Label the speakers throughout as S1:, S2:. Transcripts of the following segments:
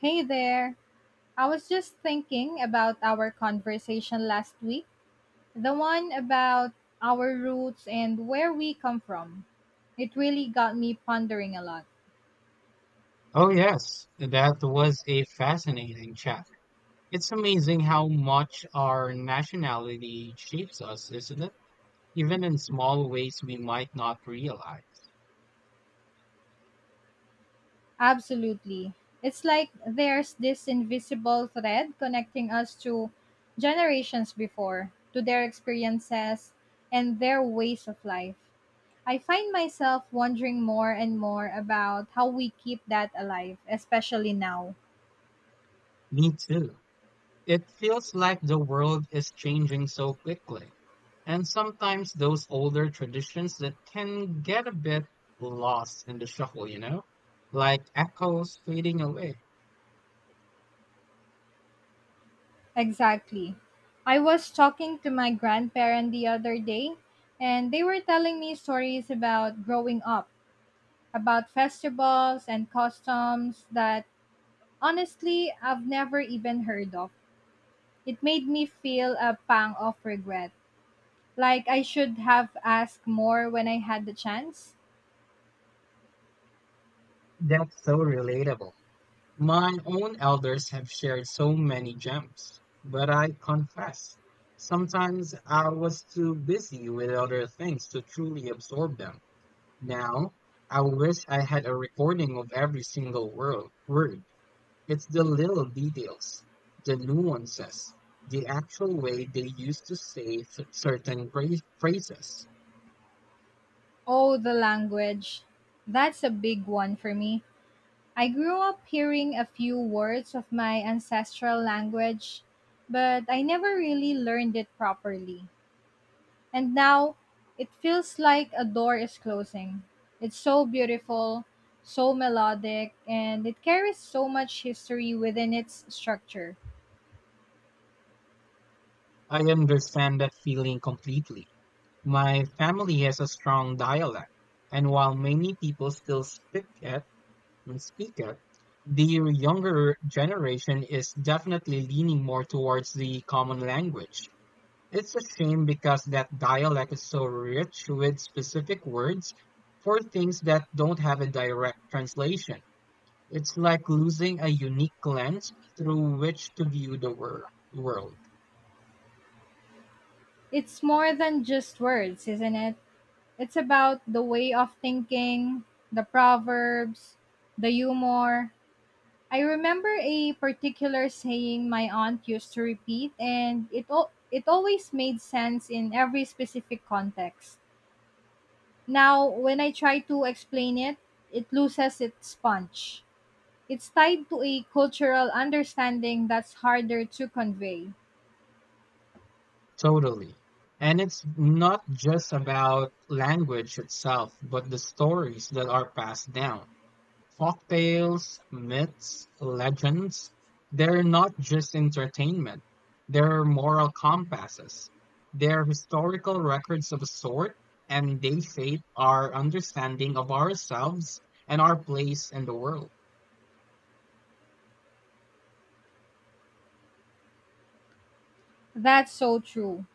S1: Hey there. I was just thinking about our conversation last week, the one about our roots and where we come from. It really got me pondering a lot.
S2: Oh, yes, that was a fascinating chat. It's amazing how much our nationality shapes us, isn't it? Even in small ways we might not realize.
S1: Absolutely. It's like there's this invisible thread connecting us to generations before, to their experiences and their ways of life. I find myself wondering more and more about how we keep that alive, especially now.
S2: Me too. It feels like the world is changing so quickly. And sometimes those older traditions that can get a bit lost in the shuffle, Like echoes fading away.
S1: Exactly. I was talking to my grandparent the other day, and they were telling me stories about growing up, about festivals and customs that honestly I've never even heard of. It made me feel a pang of regret, like I should have asked more when I had the chance.
S2: That's so relatable. My own elders have shared so many gems, but I confess, sometimes I was too busy with other things to truly absorb them. Now, I wish I had a recording of every single word. It's the little details, the nuances, the actual way they used to say certain phrases.
S1: Oh, the language. That's a big one for me. I grew up hearing a few words of my ancestral language, but I never really learned it properly. And now it feels like a door is closing. It's so beautiful, so melodic, and it carries so much history within its structure.
S2: I understand that feeling completely. My family has a strong dialect, and while many people still speak it and speak it, the younger generation is definitely leaning more towards the common language. It's a shame because that dialect is so rich with specific words for things that don't have a direct translation. It's like losing a unique lens through which to view the world.
S1: It's more than just words, isn't it? It's about the way of thinking, the proverbs, the humor. I remember a particular saying my aunt used to repeat, and it always made sense in every specific context. Now, when I try to explain it, it loses its punch. It's tied to a cultural understanding that's harder to convey.
S2: Totally. And it's not just about language itself, but the stories that are passed down. Folk tales, myths, legends, they're not just entertainment. They're moral compasses. They're historical records of a sort, and they shape our understanding of ourselves and our place in the world.
S1: That's so true.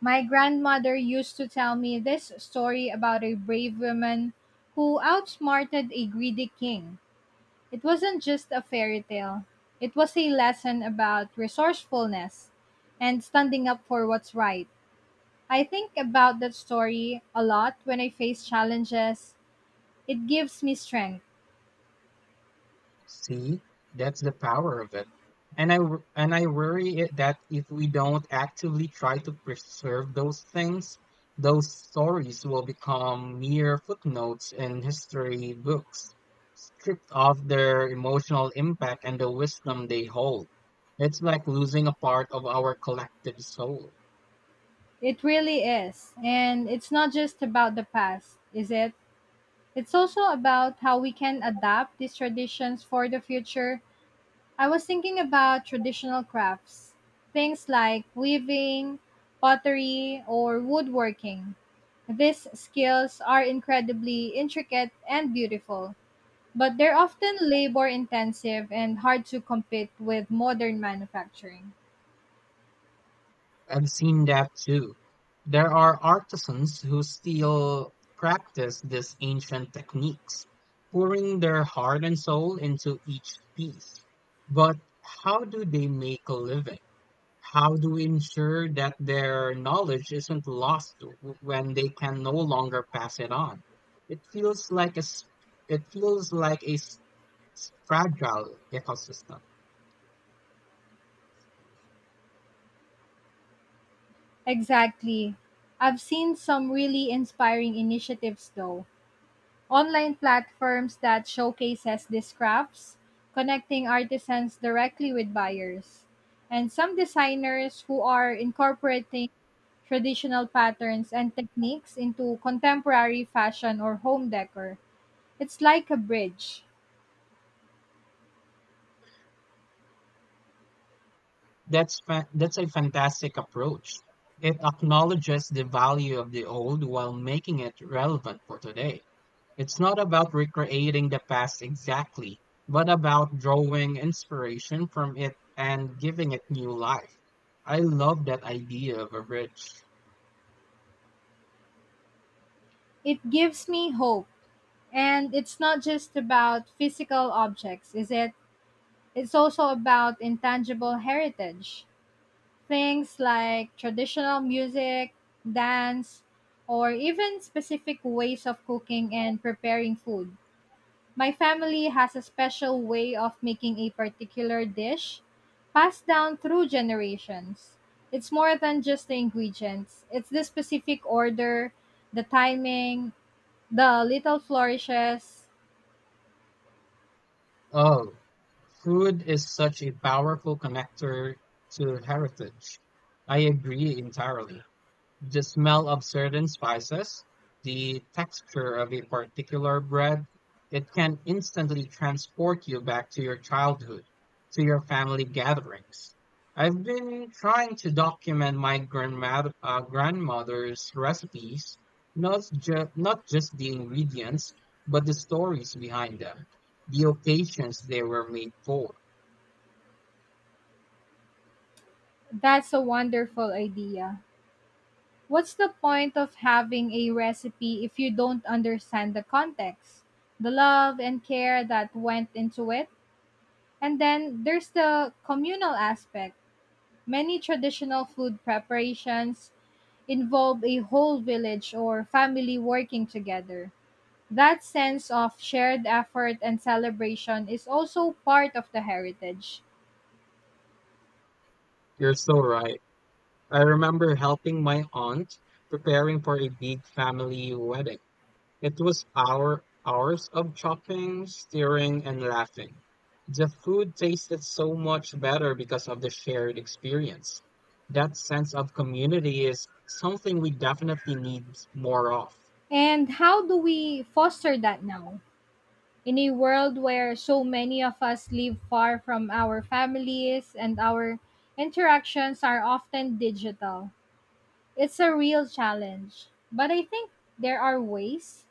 S1: My grandmother used to tell me this story about a brave woman who outsmarted a greedy king. It wasn't just a fairy tale, it was a lesson about resourcefulness and standing up for what's right. I think about that story a lot when I face challenges. It gives me strength.
S2: See, that's the power of it. And I worry it that if we don't actively try to preserve those things, those stories will become mere footnotes in history books, stripped of their emotional impact and the wisdom they hold. It's like losing a part of our collective soul.
S1: It really is. And it's not just about the past, is it? It's also about how we can adapt these traditions for the future. I was thinking about traditional crafts, things like weaving, pottery, or woodworking. These skills are incredibly intricate and beautiful, but they're often labor intensive and hard to compete with modern manufacturing.
S2: I've seen that too. There are artisans who still practice these ancient techniques, pouring their heart and soul into each piece. But how do they make a living? How do we ensure that their knowledge isn't lost when they can no longer pass it on? It feels like a s- it feels like a s- fragile ecosystem.
S1: Exactly. I've seen some really inspiring initiatives though. Online platforms that showcases these crafts, connecting artisans directly with buyers. And some designers who are incorporating traditional patterns and techniques into contemporary fashion or home decor. It's like a bridge.
S2: That's a fantastic approach. It acknowledges the value of the old while making it relevant for today. It's not about recreating the past exactly, but about drawing inspiration from it and giving it new life. I love that idea of a bridge.
S1: It gives me hope. And it's not just about physical objects, is it? It's also about intangible heritage, things like traditional music, dance, or even specific ways of cooking and preparing food. My family has a special way of making a particular dish passed down through generations. It's more than just the ingredients, it's the specific order, the timing, the little flourishes.
S2: Oh, food is such a powerful connector to heritage. I agree entirely. The smell of certain spices, the texture of a particular bread, it can instantly transport you back to your childhood, to your family gatherings. I've been trying to document my grandmother's recipes, not just the ingredients, but the stories behind them, the occasions they were made for.
S1: That's a wonderful idea. What's the point of having a recipe if you don't understand the context, the love and care that went into it? And then there's the communal aspect. Many traditional food preparations involve a whole village or family working together. That sense of shared effort and celebration is also part of the heritage.
S2: You're so right. I remember helping my aunt preparing for a big family wedding. It was our hours of chopping, stirring, and laughing. The food tasted so much better because of the shared experience. That sense of community is something we definitely need more of.
S1: And how do we foster that now? In a world where so many of us live far from our families and our interactions are often digital, it's a real challenge. But I think there are ways: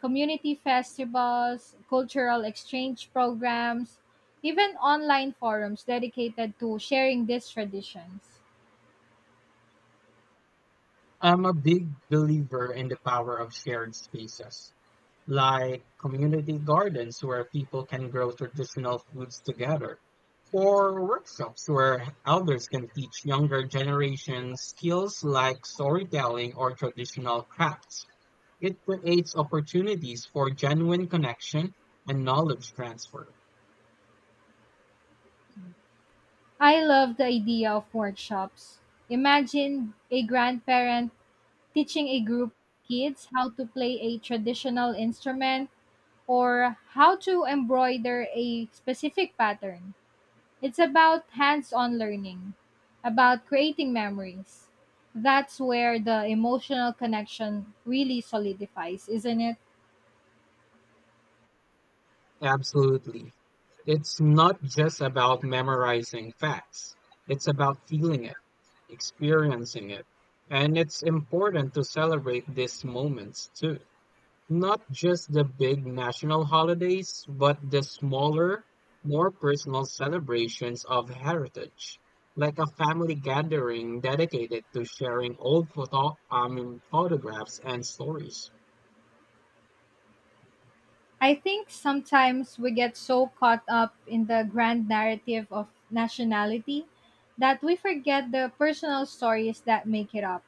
S1: community festivals, cultural exchange programs, even online forums dedicated to sharing these traditions.
S2: I'm a big believer in the power of shared spaces, like community gardens where people can grow traditional foods together, or workshops where elders can teach younger generations skills like storytelling or traditional crafts. It creates opportunities for genuine connection and knowledge transfer.
S1: I love the idea of workshops. Imagine a grandparent teaching a group of kids how to play a traditional instrument or how to embroider a specific pattern. It's about hands on learning, about creating memories. That's where the emotional connection really solidifies, isn't it?
S2: Absolutely. It's not just about memorizing facts. It's about feeling it, experiencing it. And it's important to celebrate these moments too. Not just the big national holidays, but the smaller, more personal celebrations of heritage, like a family gathering dedicated to sharing old photographs and stories.
S1: I think sometimes we get so caught up in the grand narrative of nationality that we forget the personal stories that make it up.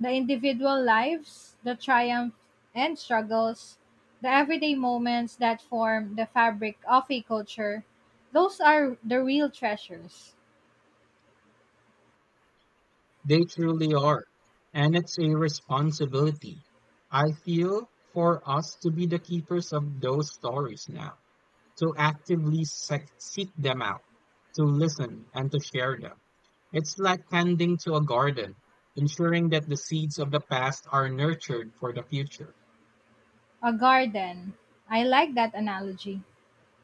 S1: The individual lives, the triumphs and struggles, the everyday moments that form the fabric of a culture, those are the real treasures.
S2: They truly are. And it's a responsibility, I feel, for us to be the keepers of those stories now, to actively seek them out, to listen and to share them. It's like tending to a garden, ensuring that the seeds of the past are nurtured for the future.
S1: A garden. I like that analogy.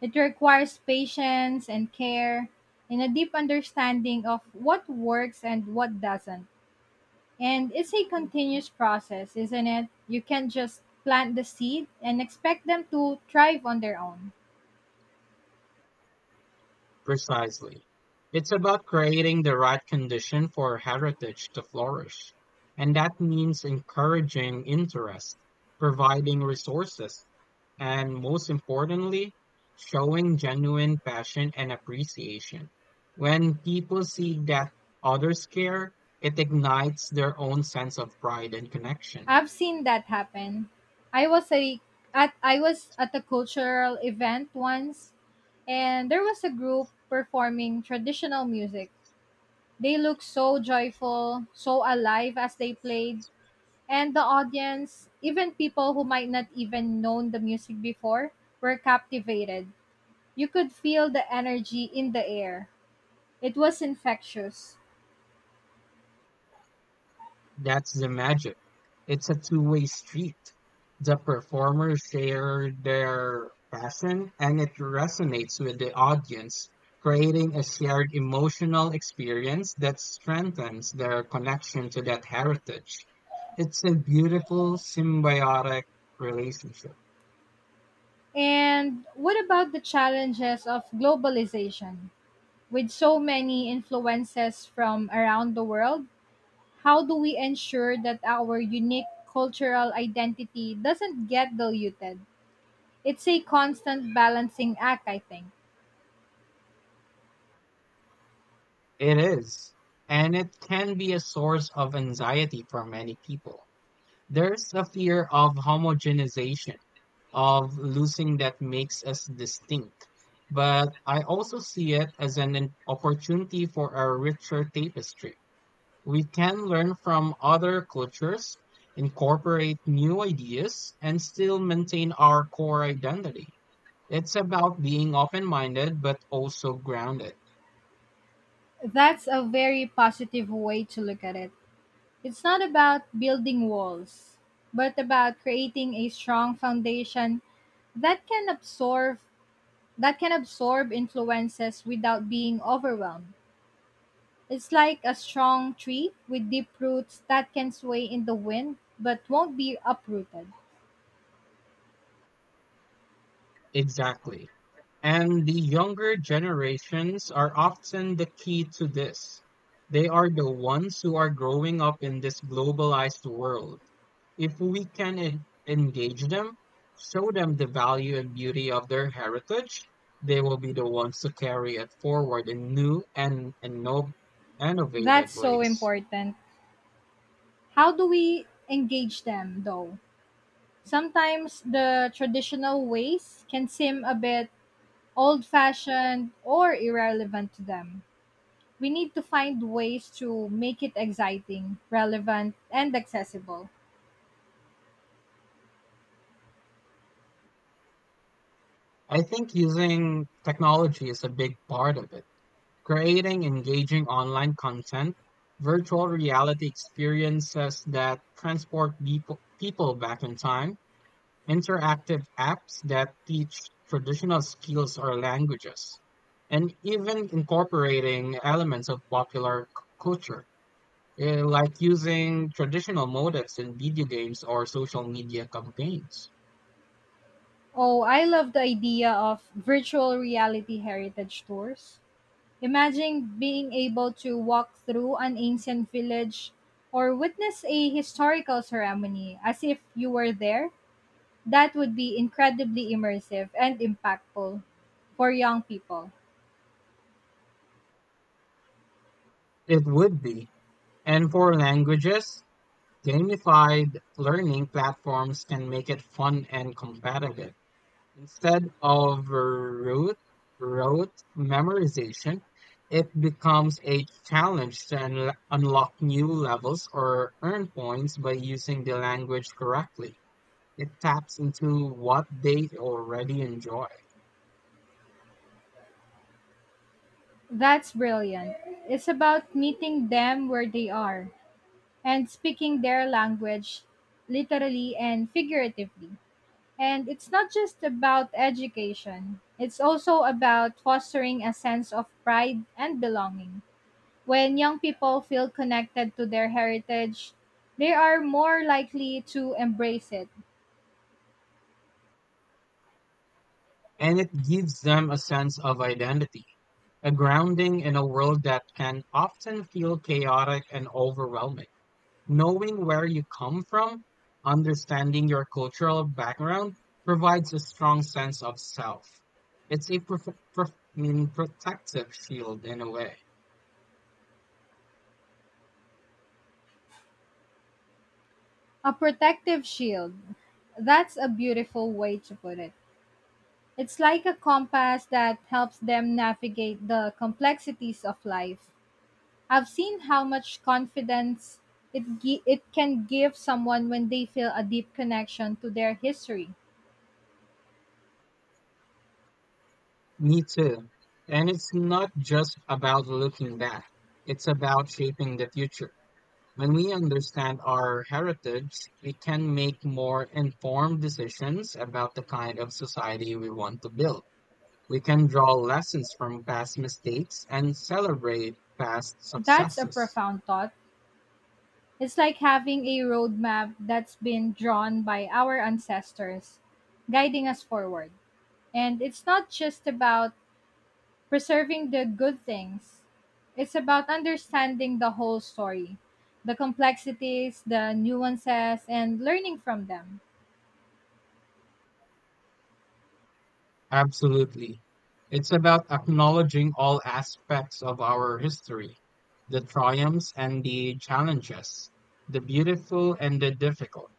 S1: It requires patience and care and a deep understanding of what works and what doesn't. And it's a continuous process, isn't it? You can't just plant the seed and expect them to thrive on their own.
S2: Precisely. It's about creating the right condition for heritage to flourish. And that means encouraging interest, providing resources, and most importantly, showing genuine passion and appreciation. When people see that others care, it ignites their own sense of pride and connection.
S1: I've seen that happen. I was a I was at a cultural event once and there was a group performing traditional music. They looked so joyful, so alive as they played, and the audience, even people who might not even known the music before, were captivated. You could feel the energy in the air. It was infectious.
S2: That's the magic. It's a two-way street. The performers share their passion and it resonates with the audience, creating a shared emotional experience that strengthens their connection to that heritage. It's a beautiful symbiotic relationship.
S1: And what about the challenges of globalization? With so many influences from around the world, how do we ensure that our unique cultural identity doesn't get diluted? It's a constant balancing act, I think.
S2: It is. And it can be a source of anxiety for many people. There's a fear of homogenization, of losing that makes us distinct. But I also see it as an opportunity for a richer tapestry. We can learn from other cultures, incorporate new ideas, and still maintain our core identity. It's about being open minded but also grounded.
S1: That's a very positive way to look at it. It's not about building walls, but about creating a strong foundation that can absorb that can absorb influences without being overwhelmed. It's like a strong tree with deep roots that can sway in the wind but won't be uprooted.
S2: Exactly. And the younger generations are often the key to this. They are the ones who are growing up in this globalized world. If we can engage them, show them the value and beauty of their heritage, they will be the ones to carry it forward in new and innovative
S1: That's so
S2: ways.
S1: important. How do we engage them though? Sometimes the traditional ways can seem a bit old fashioned or irrelevant to them. We need to find ways to make it exciting, relevant, and accessible.
S2: I think using technology is a big part of it. Creating engaging online content, virtual reality experiences that transport people back in time, interactive apps that teach traditional skills or languages, and even incorporating elements of popular culture, like using traditional motives in video games or social media campaigns.
S1: Oh, I love the idea of virtual reality heritage tours. Imagine being able to walk through an ancient village or witness a historical ceremony as if you were there. That would be incredibly immersive and impactful for young people.
S2: It would be. And for languages, gamified learning platforms can make it fun and competitive. Instead of rote memorization, it becomes a challenge to unlock new levels or earn points by using the language correctly. It taps into what they already enjoy,
S1: That's brilliant. It's about meeting them where they are and speaking their language, literally and figuratively. And it's not just about education, it's also about fostering a sense of pride and belonging. When young people feel connected to their heritage, they are more likely to embrace it.
S2: and it gives them a sense of identity, a grounding in a world that can often feel chaotic and overwhelming. Knowing where you come from, understanding your cultural background, provides a strong sense of self. It's a prof protective shield in a way.
S1: A protective shield. That's a beautiful way to put it. It's like a compass that helps them navigate the complexities of life. I've seen how much confidence it can give someone when they feel a deep connection to their history.
S2: Me too. And it's not just about looking back, it's about shaping the future. When we understand our heritage, we can make more informed decisions about the kind of society we want to build. We can draw lessons from past mistakes and celebrate past
S1: That's a
S2: successes.
S1: profound thought. It's like having a road map that's been drawn by our ancestors, guiding us forward. And it's not just about preserving the good things, it's about understanding the whole story, the complexities, the nuances, and learning from them.
S2: Absolutely. It's about acknowledging all aspects of our history, the triumphs and the challenges, the beautiful and the difficult.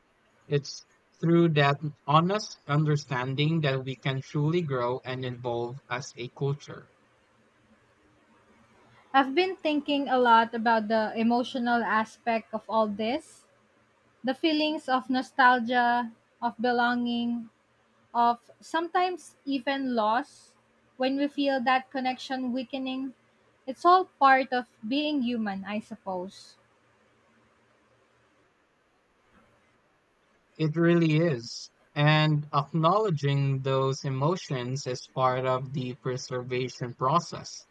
S2: It's through that honest understanding that we can truly grow and evolve as a culture.
S1: I've been thinking a lot about the emotional aspect of all this, the feelings of nostalgia, of belonging, of sometimes even loss. When we feel that connection weakening, it's all part of being human, I suppose.
S2: It really is. And acknowledging those emotions is part of the preservation process.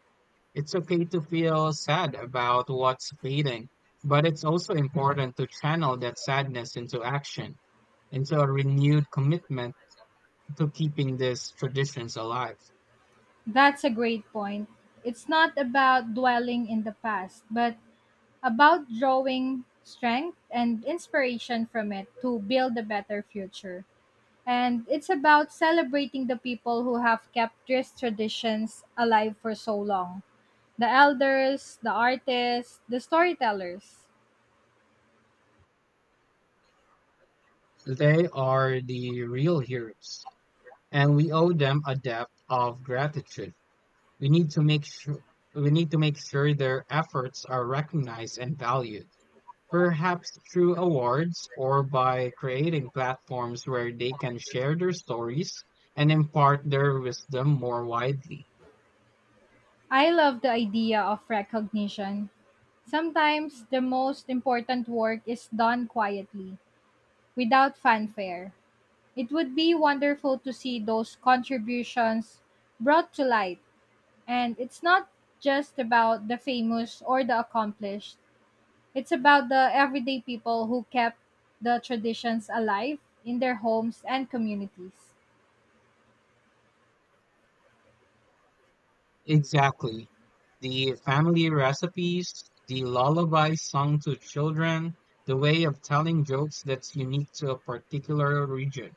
S2: It's okay to feel sad about what's fading, but it's also important to channel that sadness into action, into a renewed commitment to keeping these traditions alive.
S1: That's a great point. It's not about dwelling in the past, but about drawing strength and inspiration from it to build a better future. And it's about celebrating the people who have kept these traditions alive for so long: the elders, the artists, the storytellers.
S2: They are the real heroes, and we owe them a debt of gratitude. We need to make sure we need to make sure their efforts are recognized and valued. Perhaps through awards or by creating platforms where they can share their stories and impart their wisdom more widely.
S1: I love the idea of recognition. Sometimes the most important work is done quietly, without fanfare. It would be wonderful to see those contributions brought to light. And it's not just about the famous or the accomplished, it's about the everyday people who kept the traditions alive in their homes and communities.
S2: Exactly. The family recipes, the lullaby sung to children, the way of telling jokes that's unique to a particular region.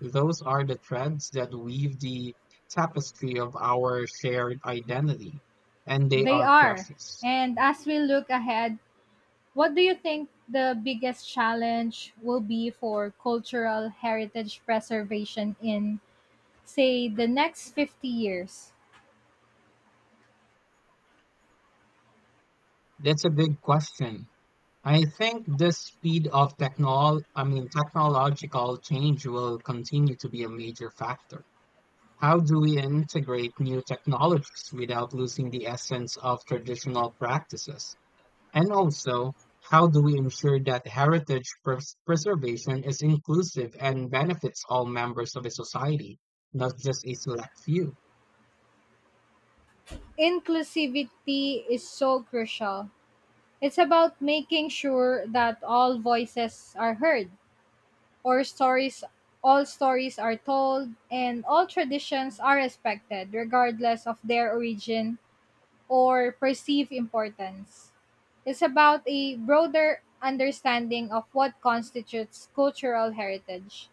S2: Those are the threads that weave the tapestry of our shared identity, and they
S1: They
S2: are
S1: are.
S2: precious.
S1: And as we look ahead, what do you think the biggest challenge will be for cultural heritage preservation in, say, the next 50 years?
S2: That's a big question. I think this speed of technological change will continue to be a major factor. How do we integrate new technologies without losing the essence of traditional practices? And also, how do we ensure that heritage preservation is inclusive and benefits all members of a society, not just a select few?
S1: Inclusivity is so crucial. It's about making sure that all voices are heard, or stories all stories are told and all traditions are respected regardless of their origin or perceive importance. It's about a broader understanding of what constitutes cultural heritage.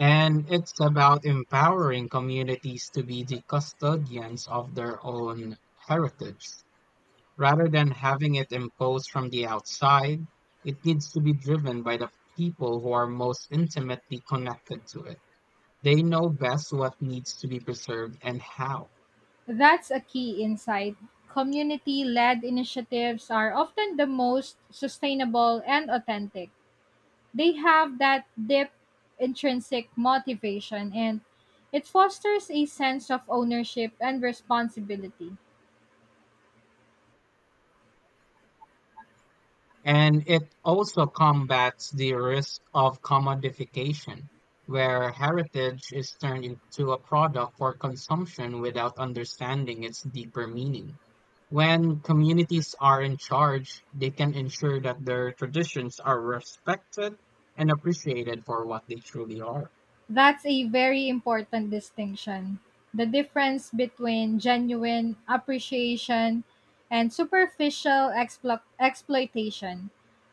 S2: And it's about empowering communities to be the custodians of their own heritage. Rather than having it imposed from the outside, it needs to be driven by the people who are most intimately connected to it. They know best what needs to be preserved and how.
S1: That's a key insight. Community led initiatives are often the most sustainable and authentic. They have that deep intrinsic motivation and it fosters a sense of ownership and responsibility.
S2: And it also combats the risk of commodification, where heritage is turned into a product for consumption without understanding its deeper meaning. When communities are in charge, they can ensure that their traditions are respected and appreciated for what they truly are.
S1: That's a very important distinction. The difference between genuine appreciation and superficial exploitation.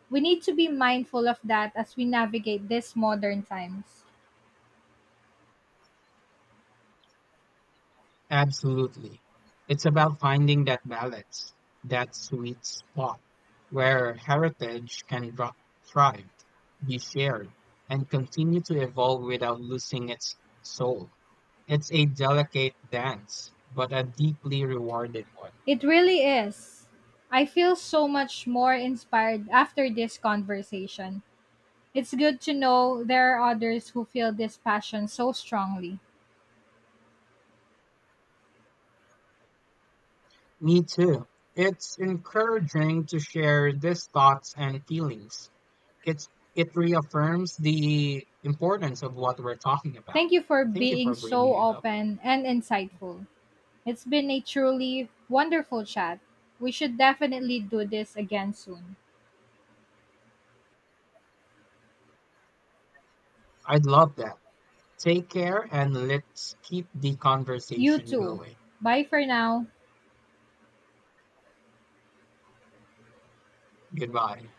S1: We need to be mindful of that as we navigate these modern times.
S2: Absolutely. It's about finding that balance, that sweet spot where heritage can thrive, be shared, and continue to evolve without losing its soul. It's a delicate dance, but a deeply rewarding one.
S1: It really is. I feel so much more inspired after this conversation. It's good to know there are others who feel this passion so strongly.
S2: Me too. It's encouraging to share these thoughts and feelings. It's, it reaffirms the importance of what we're talking about.
S1: Thank you for
S2: Thank you
S1: being
S2: for bringing
S1: so
S2: it up.
S1: open and insightful. It's been a truly wonderful chat. We should definitely do this again soon.
S2: I'd love that. Take care and let's keep the
S1: You
S2: conversation
S1: too.
S2: going.
S1: Bye for now.
S2: Goodbye.